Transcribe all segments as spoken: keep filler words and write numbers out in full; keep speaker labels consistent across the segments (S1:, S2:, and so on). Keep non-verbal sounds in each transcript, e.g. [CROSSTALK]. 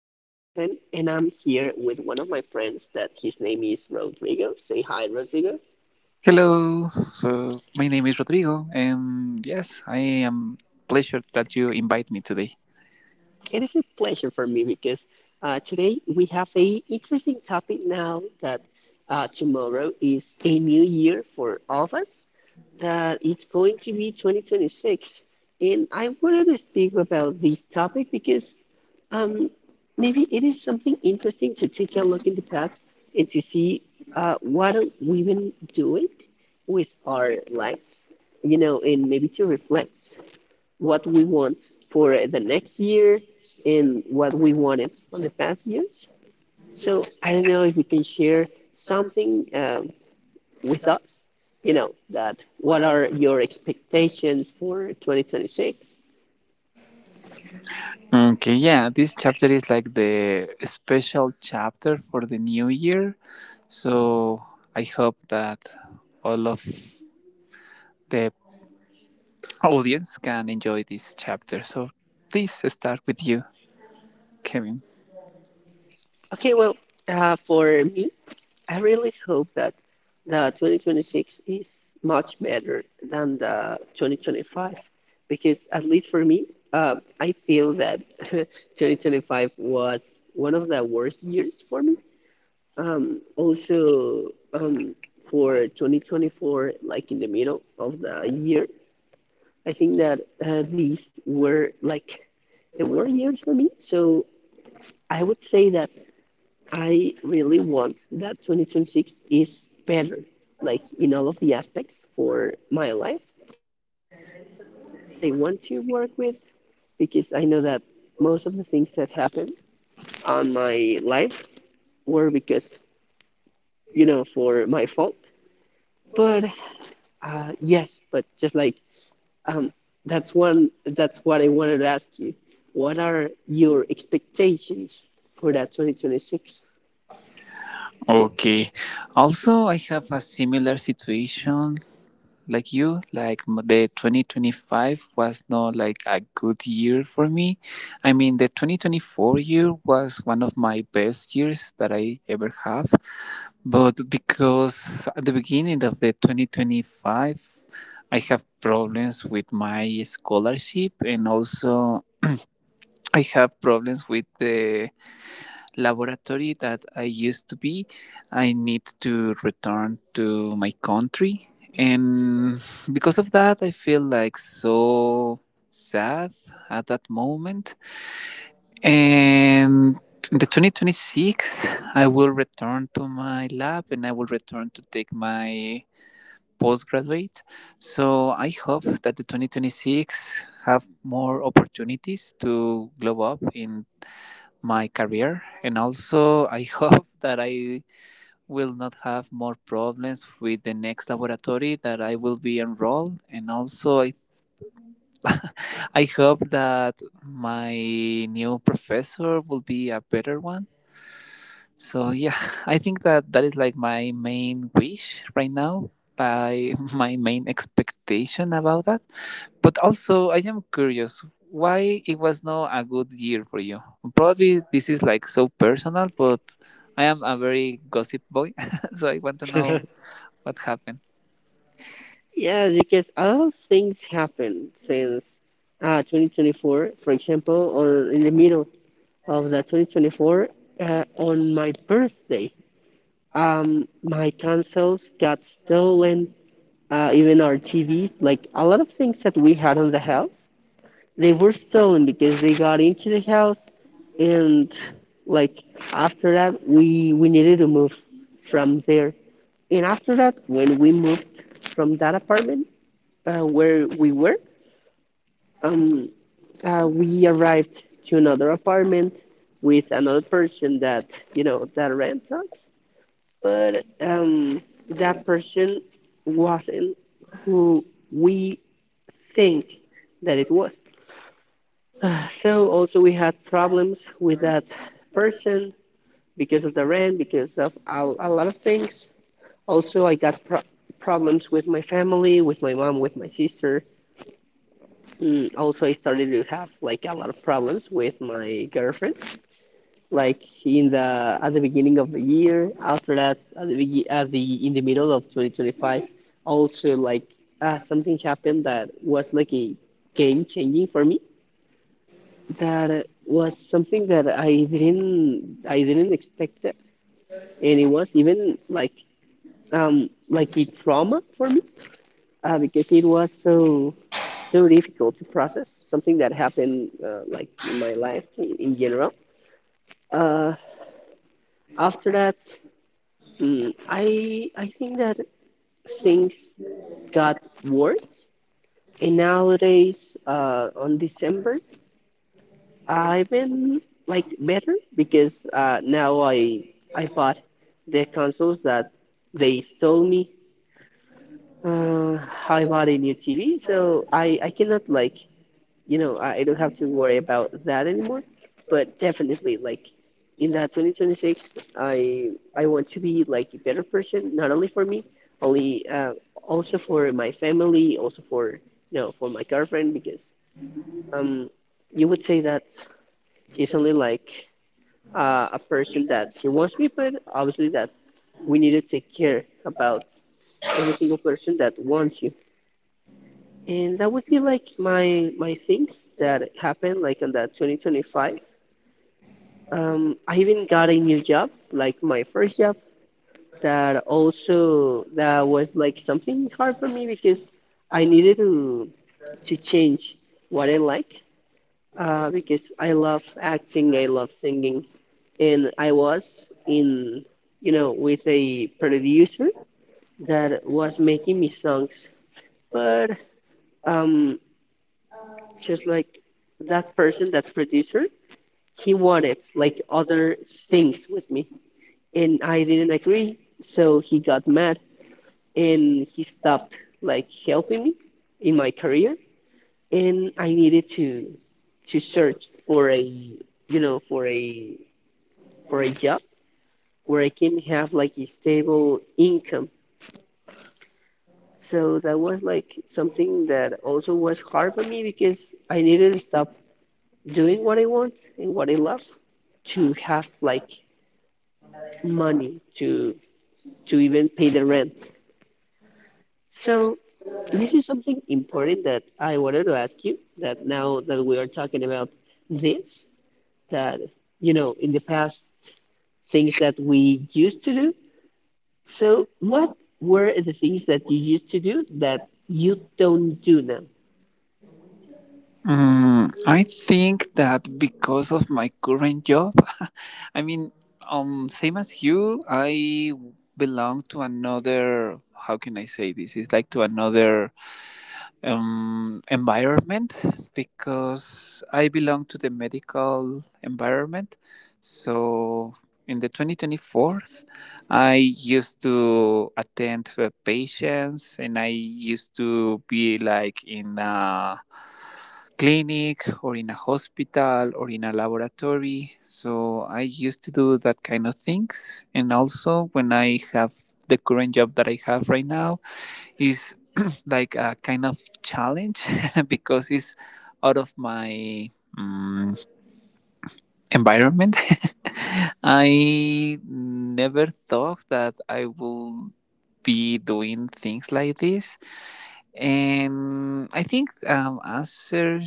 S1: My name is Kevin, and I'm here with one of my friends that his name is Rodrigo. Say hi, Rodrigo.
S2: Hello. So my name is Rodrigo, and yes, I am pleasure that you invite me today.
S1: It is a pleasure for me because uh, today we have a interesting topic now that uh, tomorrow is a new year for all of us, that it's going to be twenty twenty-six. And I wanted to speak about this topic because Um, maybe it is something interesting to take a look in the past and to see uh, what are women doing with our lives, you know, and maybe to reflect what we want for the next year and what we wanted on the past years. So I don't know if you can share something um, with us, you know, that what are your expectations for twenty twenty-six?
S2: Okay, yeah, this chapter is like the special chapter for the new year. So I hope that all of the audience can enjoy this chapter. So please start with you, Kevin.
S1: Okay, well, uh, for me, I really hope that the twenty twenty-six is much better than the twenty twenty-five because at least for me, um, I feel that [LAUGHS] twenty twenty-five was one of the worst years for me. Um, also, um, for twenty twenty-four, like in the middle of the year, I think that uh, these were like the worst years for me. So I would say that I really want that twenty twenty-six is better, like in all of the aspects for my life. And that is something that I want to work with because I know that most of the things that happened on my life were because, you know, for my fault. But uh, yes, but just like um, that's one, that's what I wanted to ask you. What are your expectations for that twenty twenty-six?
S2: Okay. Also, I have a similar situation like you like m- the twenty twenty-five was not like a good year for me. I mean the twenty twenty-four year was one of my best years that I ever have, but because at the beginning of the twenty twenty-five I have problems with my scholarship, and also I have problems with the laboratory that I used to be. I need to return to my country. And because of that, I feel like so sad at that moment. And in the twenty twenty-six, I will return to my lab and I will return to take my postgraduate. So I hope that the twenty twenty-six have more opportunities to glow up in my career, and also I [LAUGHS] hope that I will not have more problems with the next laboratory that I will be enrolled, and also i, I hope that my new professor will be a better one. So yeah, [LAUGHS] I think that that is like my main wish right now, by [LAUGHS] my main expectation about that. But also, I am curious why it was not a good year for you. Probably this is like so personal, but I am a very gossip boy, [LAUGHS] so I want to know what happened.
S1: Yeah, because a lot of things happened since uh, twenty twenty-four. For example, or in the middle of the twenty twenty-four, uh, on my birthday, um, my consoles got stolen. Uh, even our T Vs, like a lot of things that we had in the house, they were stolen because they got into the house, and like after that, we we needed to move from there. And after that, when we moved from that apartment uh, where we were, um, uh, we arrived to another apartment with another person that you know that rents us, but um, that person wasn't who we think that it was. So also we had problems with that person because of the rent, because of a, a lot of things. Also, I got pro- problems with my family, with my mom, with my sister. Mm, also, I started to have like a lot of problems with my girlfriend. Like in the at the beginning of the year, after that, at the begi- at the in the middle of twenty twenty-five, also like uh, something happened that was like a game changing for me. That uh, was something that I didn't I didn't expect it. And it was even like um like a trauma for me uh, because it was so so difficult to process something that happened uh, like in my life in, in general. Uh, After that, mm, I I think that things got worse, and nowadays uh, on December I've been like better because uh, now I I bought the consoles that they stole me. Uh, I bought a new T V, so I I cannot like you know, I I don't have to worry about that anymore. But definitely, like in that twenty twenty-six, I I want to be like a better person, not only for me, only uh, also for my family, also for you know for my girlfriend, because um you would say that she's only like uh, a person that she wants to be, but obviously that we need to take care about every single person that wants you. And that would be like my my things that happened like on that twenty twenty-five. Um, I even got a new job, like my first job, that also that was like something hard for me because I needed to to change what I like uh, because I love acting, I love singing, and I was in you know with a producer that was making me songs, but um, just like that person, that producer, he wanted like other things with me and I didn't agree. So he got mad and he stopped like helping me in my career and I needed to to search for a you know for a for a job where I can have like a stable income. So that was like something that also was hard for me because I needed to stop doing what I want and what I love to have like money to to even pay the rent. So this is something important that I wanted to ask you that now that we are talking about this, that, you know, in the past, things that we used to do. So, what were the things that you used to do that you don't do now?
S2: Mm, I think that because of my current job, [LAUGHS] I mean, um, same as you, I belong to another. How can I say this? It's like to another um, environment because I belong to the medical environment. So in the twenty twenty-four I used to attend the patients, and I used to be like in a clinic or in a hospital or in a laboratory. So I used to do that kind of things. And also when I have the current job that I have right now is [CLEARS THROAT] like a kind of challenge [LAUGHS] because it's out of my mm environment. [LAUGHS] I never thought that I will be doing things like this. And I think um, answer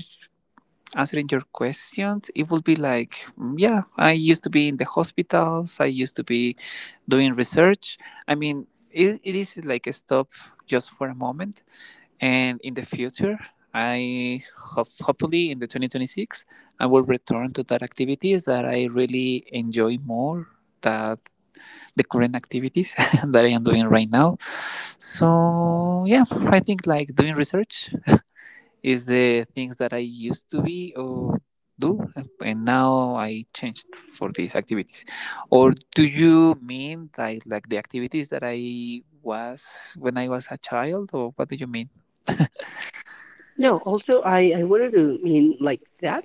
S2: answering your questions, it will be like, mm, yeah, I used to be in the hospitals. I used to be doing research. I mean, it, it is like a stop just for a moment, and in the future I hope hopefully in the twenty twenty-six I will return to that activities that I really enjoy more than the current activities [LAUGHS] that I am doing right now. So yeah, I think like doing research is the things that I used to be or do, and now I changed for these activities. Or do you mean like like the activities that I was when I was a child, or what do you mean?
S1: No, also I, I wanted to mean like that,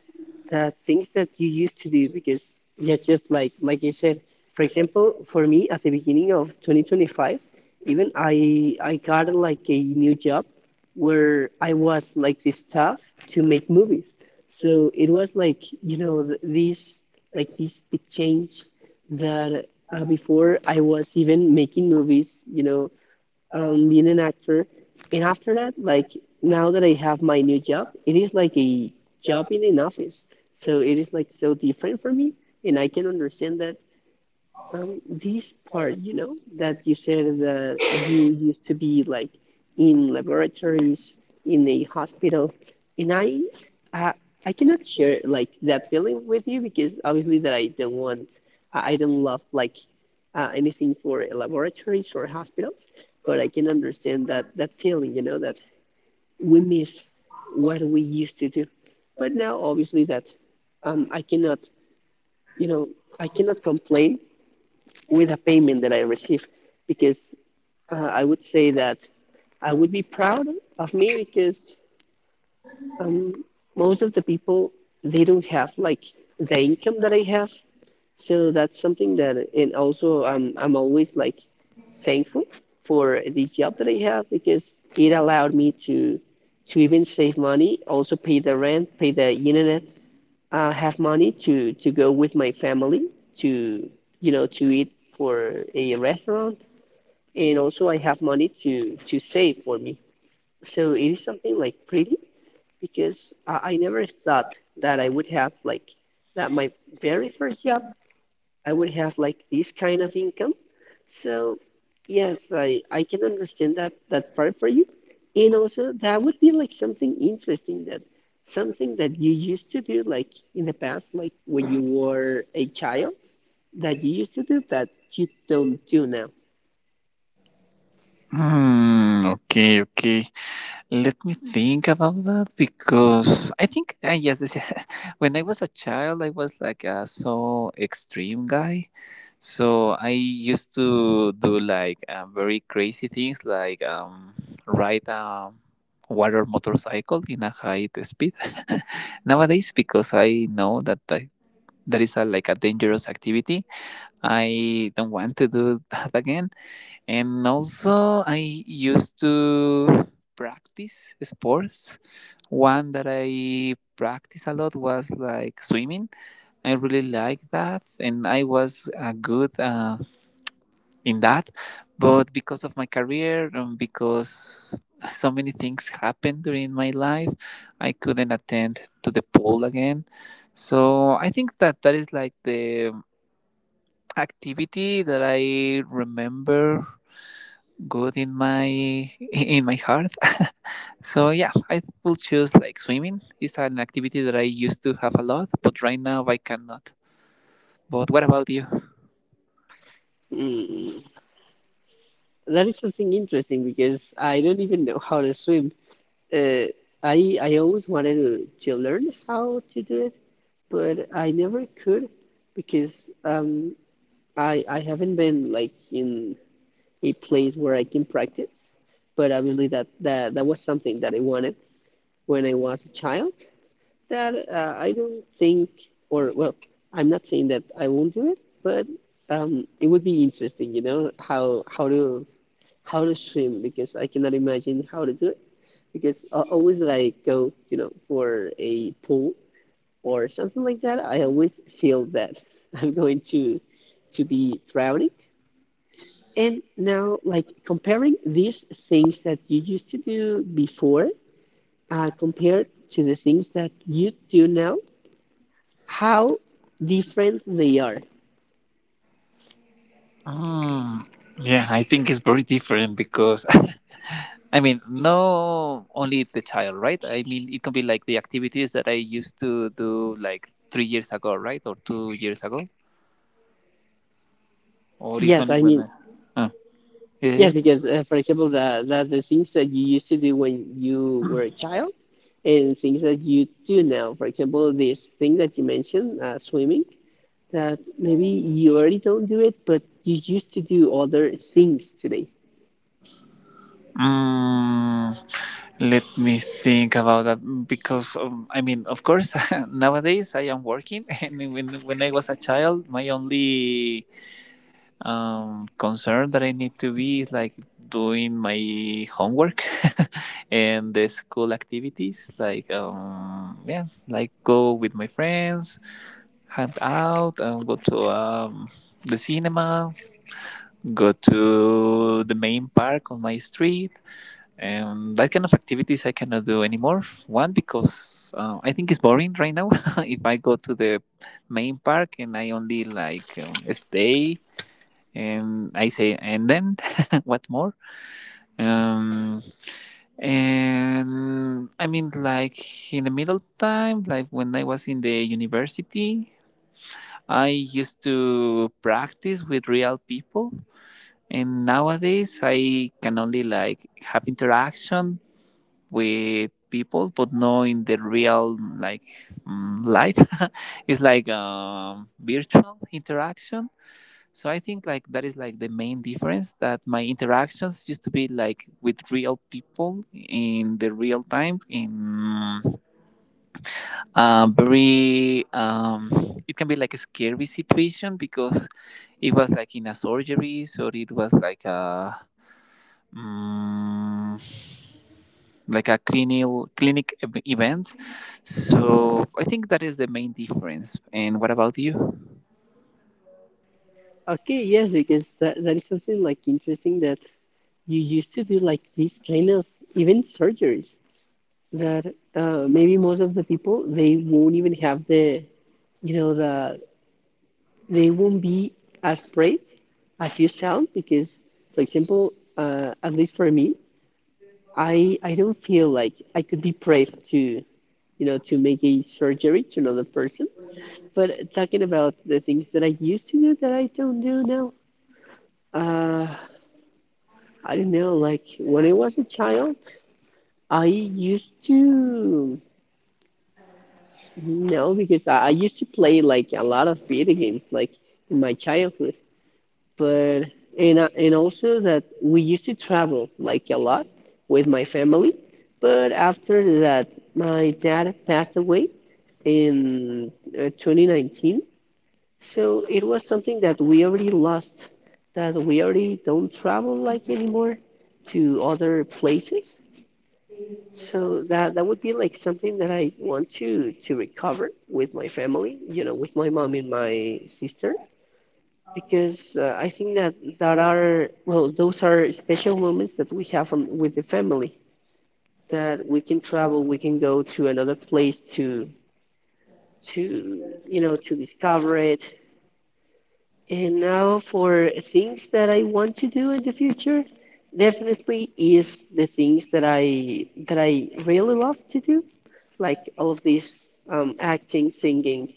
S1: the things that you used to do because yeah, just like like I said, for example, for me at the beginning of twenty twenty-five, even I I got like a new job where I was like the staff to make movies. So it was like you know th- this like this big change that uh, before I was even making movies, you know, um, being an actor. And after that, like now that I have my new job, it is like a job in an office. So it is like so different for me. And I can understand that um, this part, you know, that you said that you used to be like in laboratories, in a hospital. And I, I, I cannot share like that feeling with you because obviously that I don't want, I I don't love like uh, anything for laboratories or hospitals, but I can understand that that feeling, you know, that we miss what we used to do. But now, obviously, that um, I cannot, you know, I cannot complain with a payment that I receive because uh, I would say that I would be proud of me because um, most of the people they don't have like the income that I have. So that's something that, and also I'm I'm always like thankful for this job that I have because it allowed me to to even save money, also pay the rent, pay the internet, uh, have money to to go with my family to you know to eat for a restaurant, and also I have money to to save for me. So it is something like pretty because I, I never thought that I would have like that my very first job I would have like this kind of income. So yes, I I can understand that that part for you. And also that would be like something interesting that something that you used to do like in the past, like when you were a child that you used to do that you don't do now.
S2: Hmm. Okay. Okay. Let me think about that, because I think uh, yes, [LAUGHS] when I was a child, I was like a so extreme guy. So I used to do like uh, very crazy things, like um, ride a water motorcycle in a high speed. [LAUGHS] Nowadays, because I know that I, that is a, like a dangerous activity, I don't want to do [LAUGHS] that again. And also, I used to practice sports. One that I practiced a lot was like swimming. I really liked that, and I was uh, good uh, in that. But because of my career, and because so many things happened during my life, I couldn't attend to the pool again. So I think that that is like the activity that I remember good in my [LAUGHS] in my heart. [LAUGHS] So yeah, I will choose like swimming. It's an activity that I used to have a lot, but right now I cannot. But what about you?
S1: Hmm. That is something interesting because I don't even know how to swim. Uh, I I always wanted to, to learn how to do it, but I never could because um, I I haven't been like in a place where I can practice, but I believe that that, that was something that I wanted when I was a child. That uh, I don't think, or well, I'm not saying that I won't do it, but um, it would be interesting, you know, how how to how to swim because I cannot imagine how to do it because uh, always that I go, you know, for a pool or something like that, I always feel that [LAUGHS] I'm going to to be drowning. And now, like comparing these things that you used to do before, uh, compared to the things that you do now, how different they are.
S2: Mm, yeah, I think it's very different because [LAUGHS] I mean, no only the child, right? I mean, it can be like the activities that I used to do like three years ago, right, or two years ago, or it's
S1: Yes,
S2: only
S1: I
S2: when
S1: mean,
S2: I. Uh, yeah,
S1: yes,
S2: yeah.
S1: because uh, for example, the, the the things that you used to do when you were a child, and things that you do now. For example, this thing that you mentioned, uh, swimming, that maybe you already don't do it, but you used to do other things today.
S2: Mm, Let me think about that, because um, I mean, of course, [LAUGHS] nowadays I am working, [LAUGHS] and when when I was a child, my only um, concern that I need to be is like doing my homework [LAUGHS] and the school activities, like um, yeah, like go with my friends, hang out, um, go to um, the cinema, go to the main park on my street. Um, that kind of activities I cannot do anymore. One because uh, I think it's boring right now. [LAUGHS] If I go to the main park and I only like um, stay and I say and then [LAUGHS] what more? Um, and I mean like in the middle time, like when I was in the university, I used to practice with real people, and nowadays, I can only like have interaction with people, but no, in the real like mm, life. [LAUGHS] It's like um, virtual interaction. So I think like that is like the main difference, that my interactions used to be like with real people in the real time in uh, very um, it can be like a scary situation, because it was like in a surgery, so it was like a mm like a clinical clinic ev- events. So I think that is the main difference. And what about you?
S1: Okay, yes, because that, that is something like interesting that you used to do like these kind of even surgeries that uh, maybe most of the people they won't even have the you know the they won't be as brave as you sound because for example uh, at least for me I I don't feel like I could be brave to you know to make a surgery to another person. But talking about the things that I used to do that I don't do now uh, I don't know, like when I was a child I used to No, because I, I used to play like a lot of video games, like in my childhood. But and I- and also that we used to travel like a lot with my family. But after that, my dad passed away in uh, twenty nineteen. So it was something that we already lost, that we already don't travel like anymore to other places. So that that would be like something that I want to to recover with my family, you know, with my mom and my sister, because uh, I think that that are well, those are special moments that we have from, with the family, that we can travel, we can go to another place to to you know to discover it. And now for things that I want to do in the future, definitely is the things that I that I really love to do, like all of these um, acting, singing.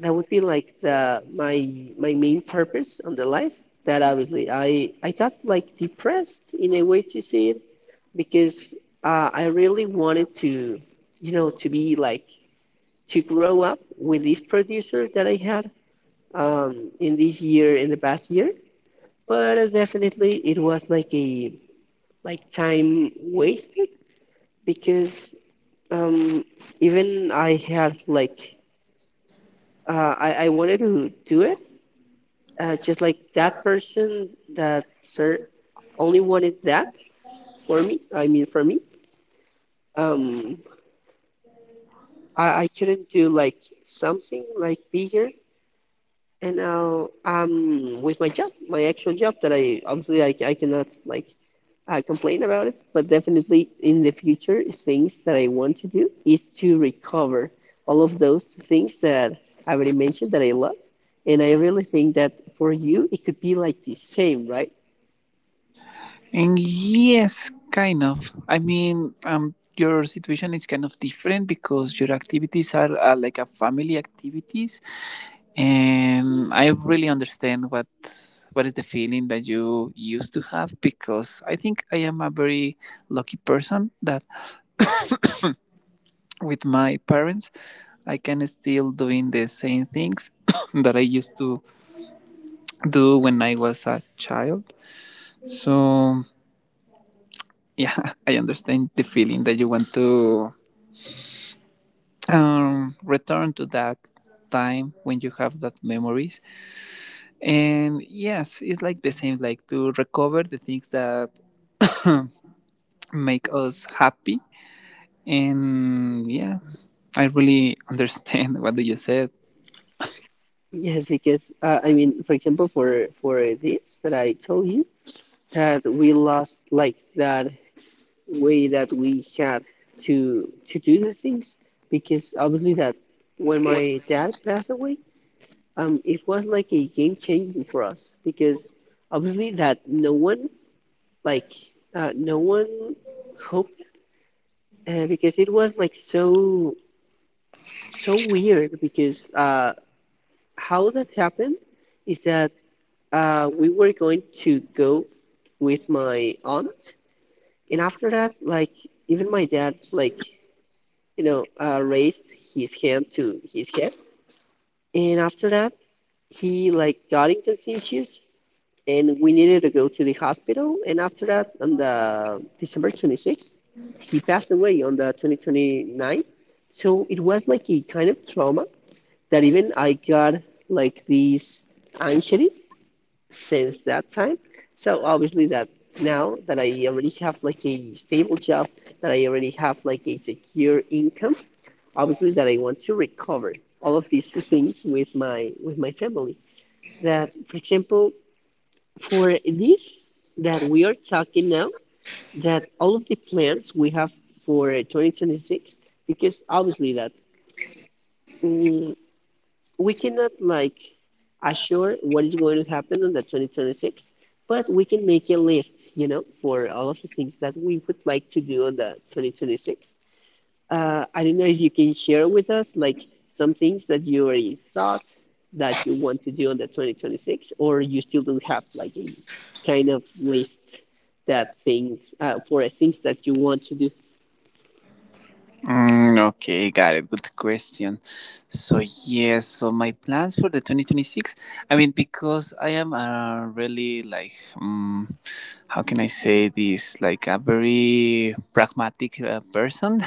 S1: That would be like the my my main purpose on the life. That obviously I I got like depressed in a way to see it, because uh, I really wanted to, you know, to be like to grow up with this producer that I had um, in this year, in the past year. But uh, definitely it was like a like time wasted because um, even I had like Uh, I, I wanted to do it, uh, just like that person, that sir, only wanted that for me. I mean, for me, um, I, I couldn't do like something like bigger. And now, um, with my job, my actual job, that I obviously I, I cannot like I complain about it, but definitely in the future, things that I want to do is to recover all of those things that I already mentioned that I love. And I really think that for you, it could be like the same, right?
S2: And yes, kind of. I mean um your situation is kind of different because your activities are, are like a family activities. Um, I really understand what what is the feeling that you used to have, because I think I am a very lucky person that with my parents I can still doing the same things [COUGHS] that I used to do when I was a child. So yeah, [LAUGHS] I understand the feeling that you want to um, return to that time when you have that memories. And yes, it's like the same, like to recover the things that make us happy. And yeah, I really [LAUGHS] understand what you said.
S1: Yes, because uh, I mean, for example, for for this that I told you, that we lost like that way that we had to to do the things, because obviously that when my dad passed away, um, it was like a game changing for us, because obviously that no one like uh, no one hoped, uh, because it was like so so weird, because uh, how that happened is that uh, we were going to go with my aunt, and after that, like even my dad like, you know, uh, raised his hand to his head, and after that he like got inconspicuous, and we needed to go to the hospital. And after that, on the December twenty-sixth, he passed away on the twenty twenty-nine. So it was like a kind of trauma, that even I got like this anxiety since that time. So obviously that now that I already have like a stable job, that I already have like a secure income, obviously that I want to recover all of these things with my with my family. That for example, for this that we are talking now, that all of the plans we have for uh, two thousand twenty-six, because obviously that mm, we cannot like assure what is going to happen on the twenty twenty-six, but we can make a list, you know, for all of the things that we would like to do on the two thousand twenty-six. Uh, I don't know if you can share with us like some things that you already thought, that you want to do on the twenty twenty-six, or you still don't have like a kind of list, that things uh, for things that you want to do.
S2: Mm, okay, got it. Good question. So yes, so my plans for the twenty twenty-six. I mean, because I am uh, really like, um, how can I say this? Like a very pragmatic uh, person. [LAUGHS]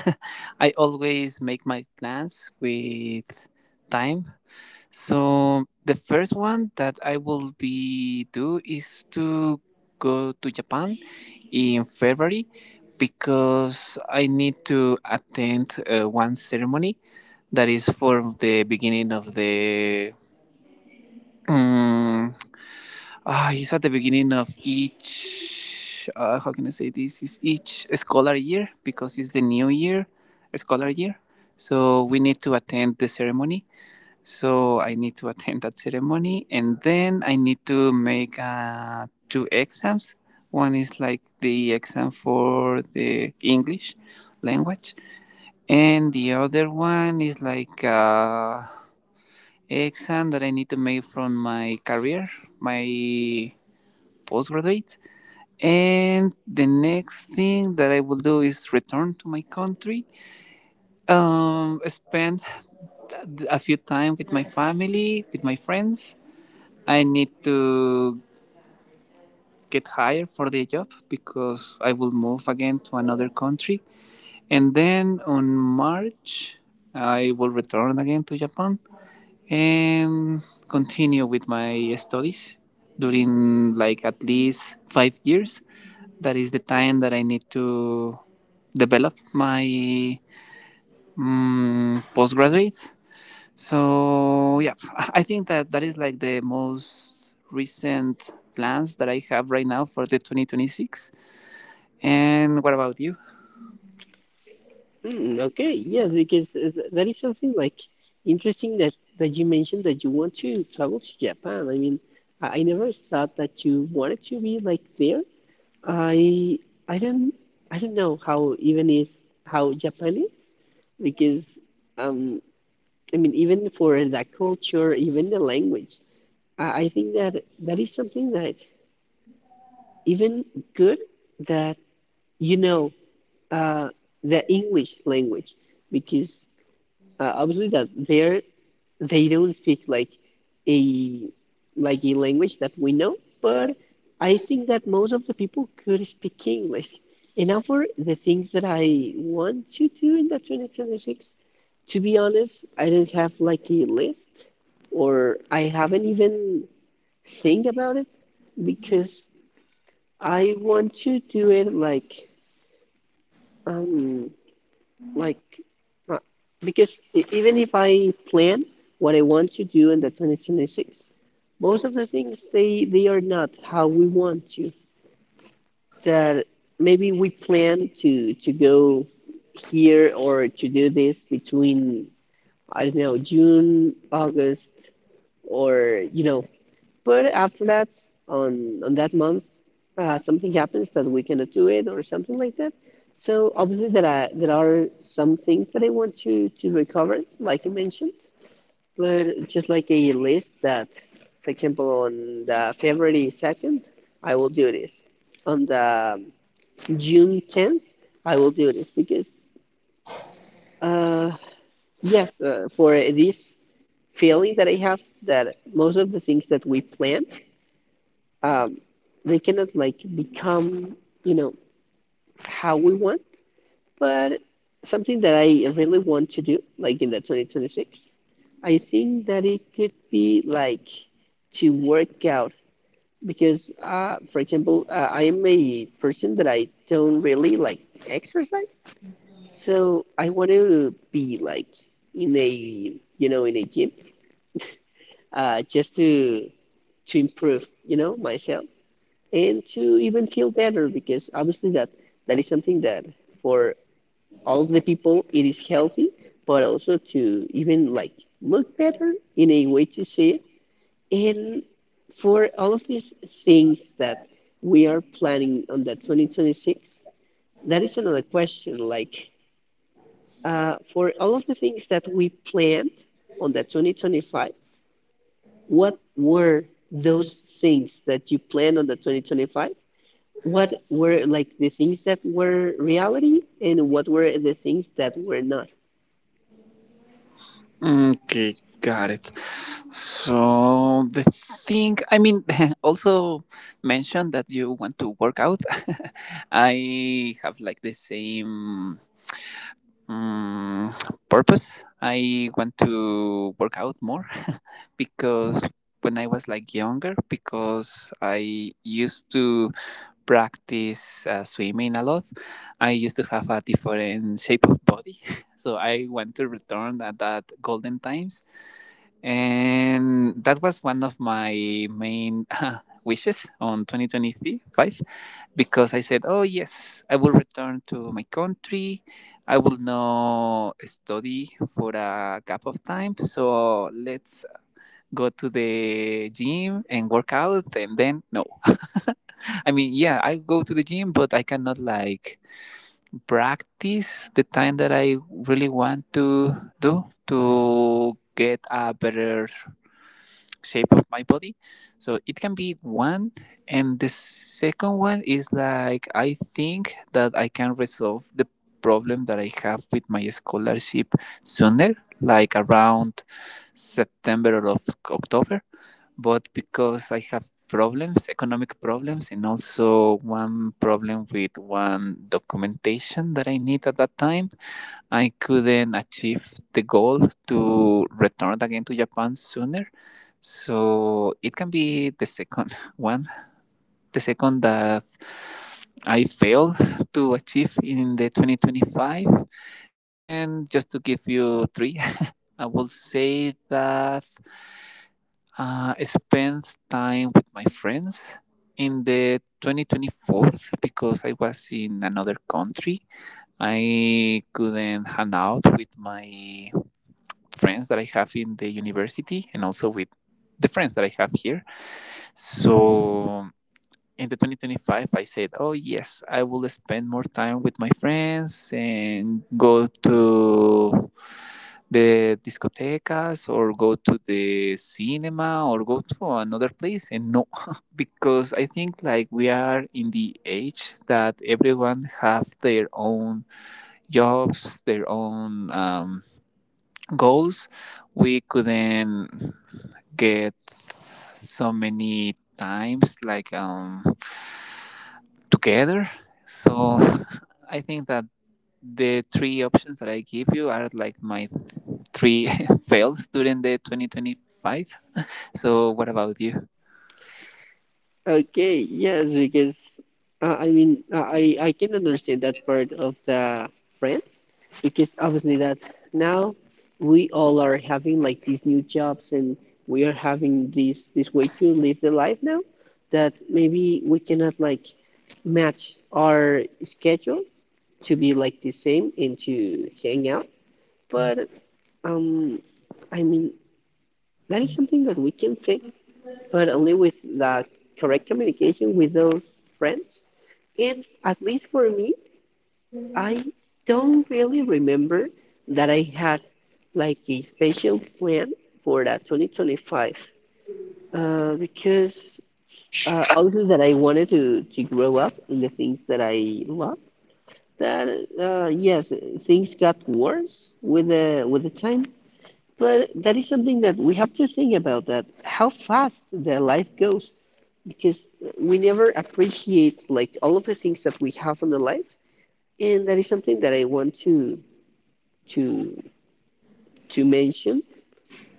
S2: I always make my plans with time. So the first one that I will be do is to go to Japan in February because I need to attend uh, one ceremony that is for the beginning of the um, ah it's at the beginning of each uh, how can I say this is each scholar year because it's the new year scholar year, so we need to attend the ceremony. So I need to attend that ceremony, and then I need to make uh, two exams. One is like the exam for the English language, and the other one is like uh, exam that I need to make from my career, my postgraduate. And the next thing that I will do is return to my country, um, spend a few time with my family, with my friends. I need to get hired for the job because I will move again to another country. And then on March, I will return again to Japan and continue with my studies during like at least five years. That is the time that I need to develop my mm, postgraduate. So yeah, [LAUGHS] I think that that is like the most recent plans that I have right now for the twenty twenty-six. And what about you?
S1: Hmm, okay, yes, because uh, th- that is something like interesting that that you mentioned, that you want to travel to Japan. I mean, I, I never thought that you wanted to be like there. I I don't I don't know how even is how Japanese, because um I mean, even for the culture, even the language, I, I think that that is something that even good, that you know, uh the English language, because uh, obviously that there they don't speak like a like a language that we know, but I think that most of the people could speak English. And now for the things that I want to do in the twenty twenty-six, to be honest, I don't have like a list, or I haven't even think about it, because I want to do it like um like uh, because e- even if I plan what I want to do in the two thousand twenty-six, most of the things they they are not how we want to. That maybe we plan to to go here or to do this between, I don't know, June, August, or you know, but after that, on on that month, uh, something happens that we cannot do it or something like that. So obviously there are there are some things that I want to to recover, like you mentioned, but just like a list that, for example, on the February second, I will do this. On the June tenth, I will do this, because uh, yes, uh, for this feeling that I have, that most of the things that we plan um, they cannot like become, you know, how we want. But something that I really want to do like in the twenty twenty-six, I think that it could be like to work out, because uh, for example, uh, I am a person that I don't really like exercise, so I want to be like in a, you know, in a gym, uh, just to to improve, you know, myself, and to even feel better, because obviously that that is something that for all of the people it is healthy, but also to even like look better in a way to see it. And for all of these things that we are planning on that twenty twenty-six, that is another question, like uh, for all of the things that we planned on that twenty twenty-five, what were those things that you planned on the twenty twenty-five, what were like the things that were reality and what were the things that were not.
S2: Okay, got it. So the thing, I mean, [LAUGHS] also mentioned that you want to work out. [LAUGHS] I have like the same Mm, purpose. I want to work out more [LAUGHS] because when I was like younger, because I used to practice uh, swimming a lot, I used to have a different shape of body. [LAUGHS] So I want to return at that golden times. And that was one of my main [LAUGHS] wishes on twenty twenty-five because I said, oh, yes, I will return to my country. I will not study for a gap of time, so let's go to the gym and work out. And then, no, I mean, yeah, I go to the gym, but I cannot like practice the time that I really want to do to get a better shape of my body. So it can be one. And the second one is like, I think that I can resolve the problem that I have with my scholarship sooner, like around September or of October. But because I have problems, economic problems, and also one problem with one documentation that I need at that time, I couldn't achieve the goal to return again to Japan sooner. So it can be the second [LAUGHS] one, the second that I failed to achieve in the twenty twenty-five. And just to give you three, [LAUGHS] I will say that uh, I spent time with my friends in the twenty twenty-four, because I was in another country I couldn't hang out with my friends that I have in the university, and also with the friends that I have here. So in the twenty twenty-five, I said, oh, yes, I will spend more time with my friends and go to the discotecas or go to the cinema or go to another place. And no, [LAUGHS] because I think like we are in the age that everyone have their own jobs, their own um, goals. We couldn't get so many times like um, together. So [LAUGHS] I think that the three options that I give you are like my three [LAUGHS] fails during the twenty twenty-five. So what about you?
S1: Okay, yes, because uh, I mean, uh, i i can understand that part of the friends, because obviously that now we all are having like these new jobs, and we are having this this way to live the life now, that maybe we cannot like match our schedule to be like the same and to hang out. But um I mean, that is something that we can fix, but only with the correct communication with those friends. It's at least for me, I don't really remember that I had like a special plan for that twenty twenty-five, uh, because uh, other that I wanted to, to grow up in the things that I love. That uh, yes, things got worse with the with the time, but that is something that we have to think about, that how fast the life goes, because we never appreciate like all of the things that we have in the life. And that is something that I want to to to mention,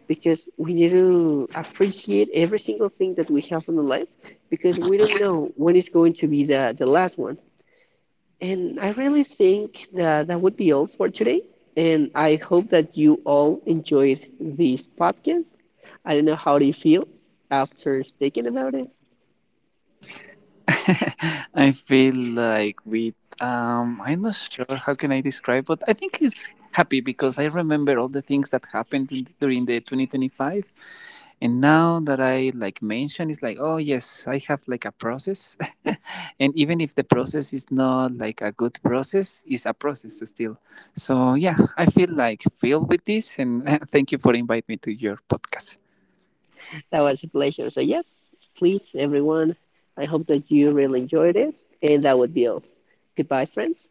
S1: because we need to appreciate every single thing that we have in the life, because we don't know when it's going to be the the last one. And I really think that that would be all for today. And I hope that you all enjoyed this podcast. I don't know how do you feel after speaking about it.
S2: [LAUGHS] I feel like with um I'm not sure how can I describe, but I think he's happy because I remember all the things that happened in- during the twenty twenty-five, and now that I like mention, it's like oh yes, I have like a process, [LAUGHS] and even if the process is not like a good process, it's a process still. So yeah, I feel like filled with this, and [LAUGHS] thank you for inviting me to your podcast.
S1: That was a pleasure. So yes, please everyone, I hope that you really enjoyed this. And that would be all. Goodbye, friends.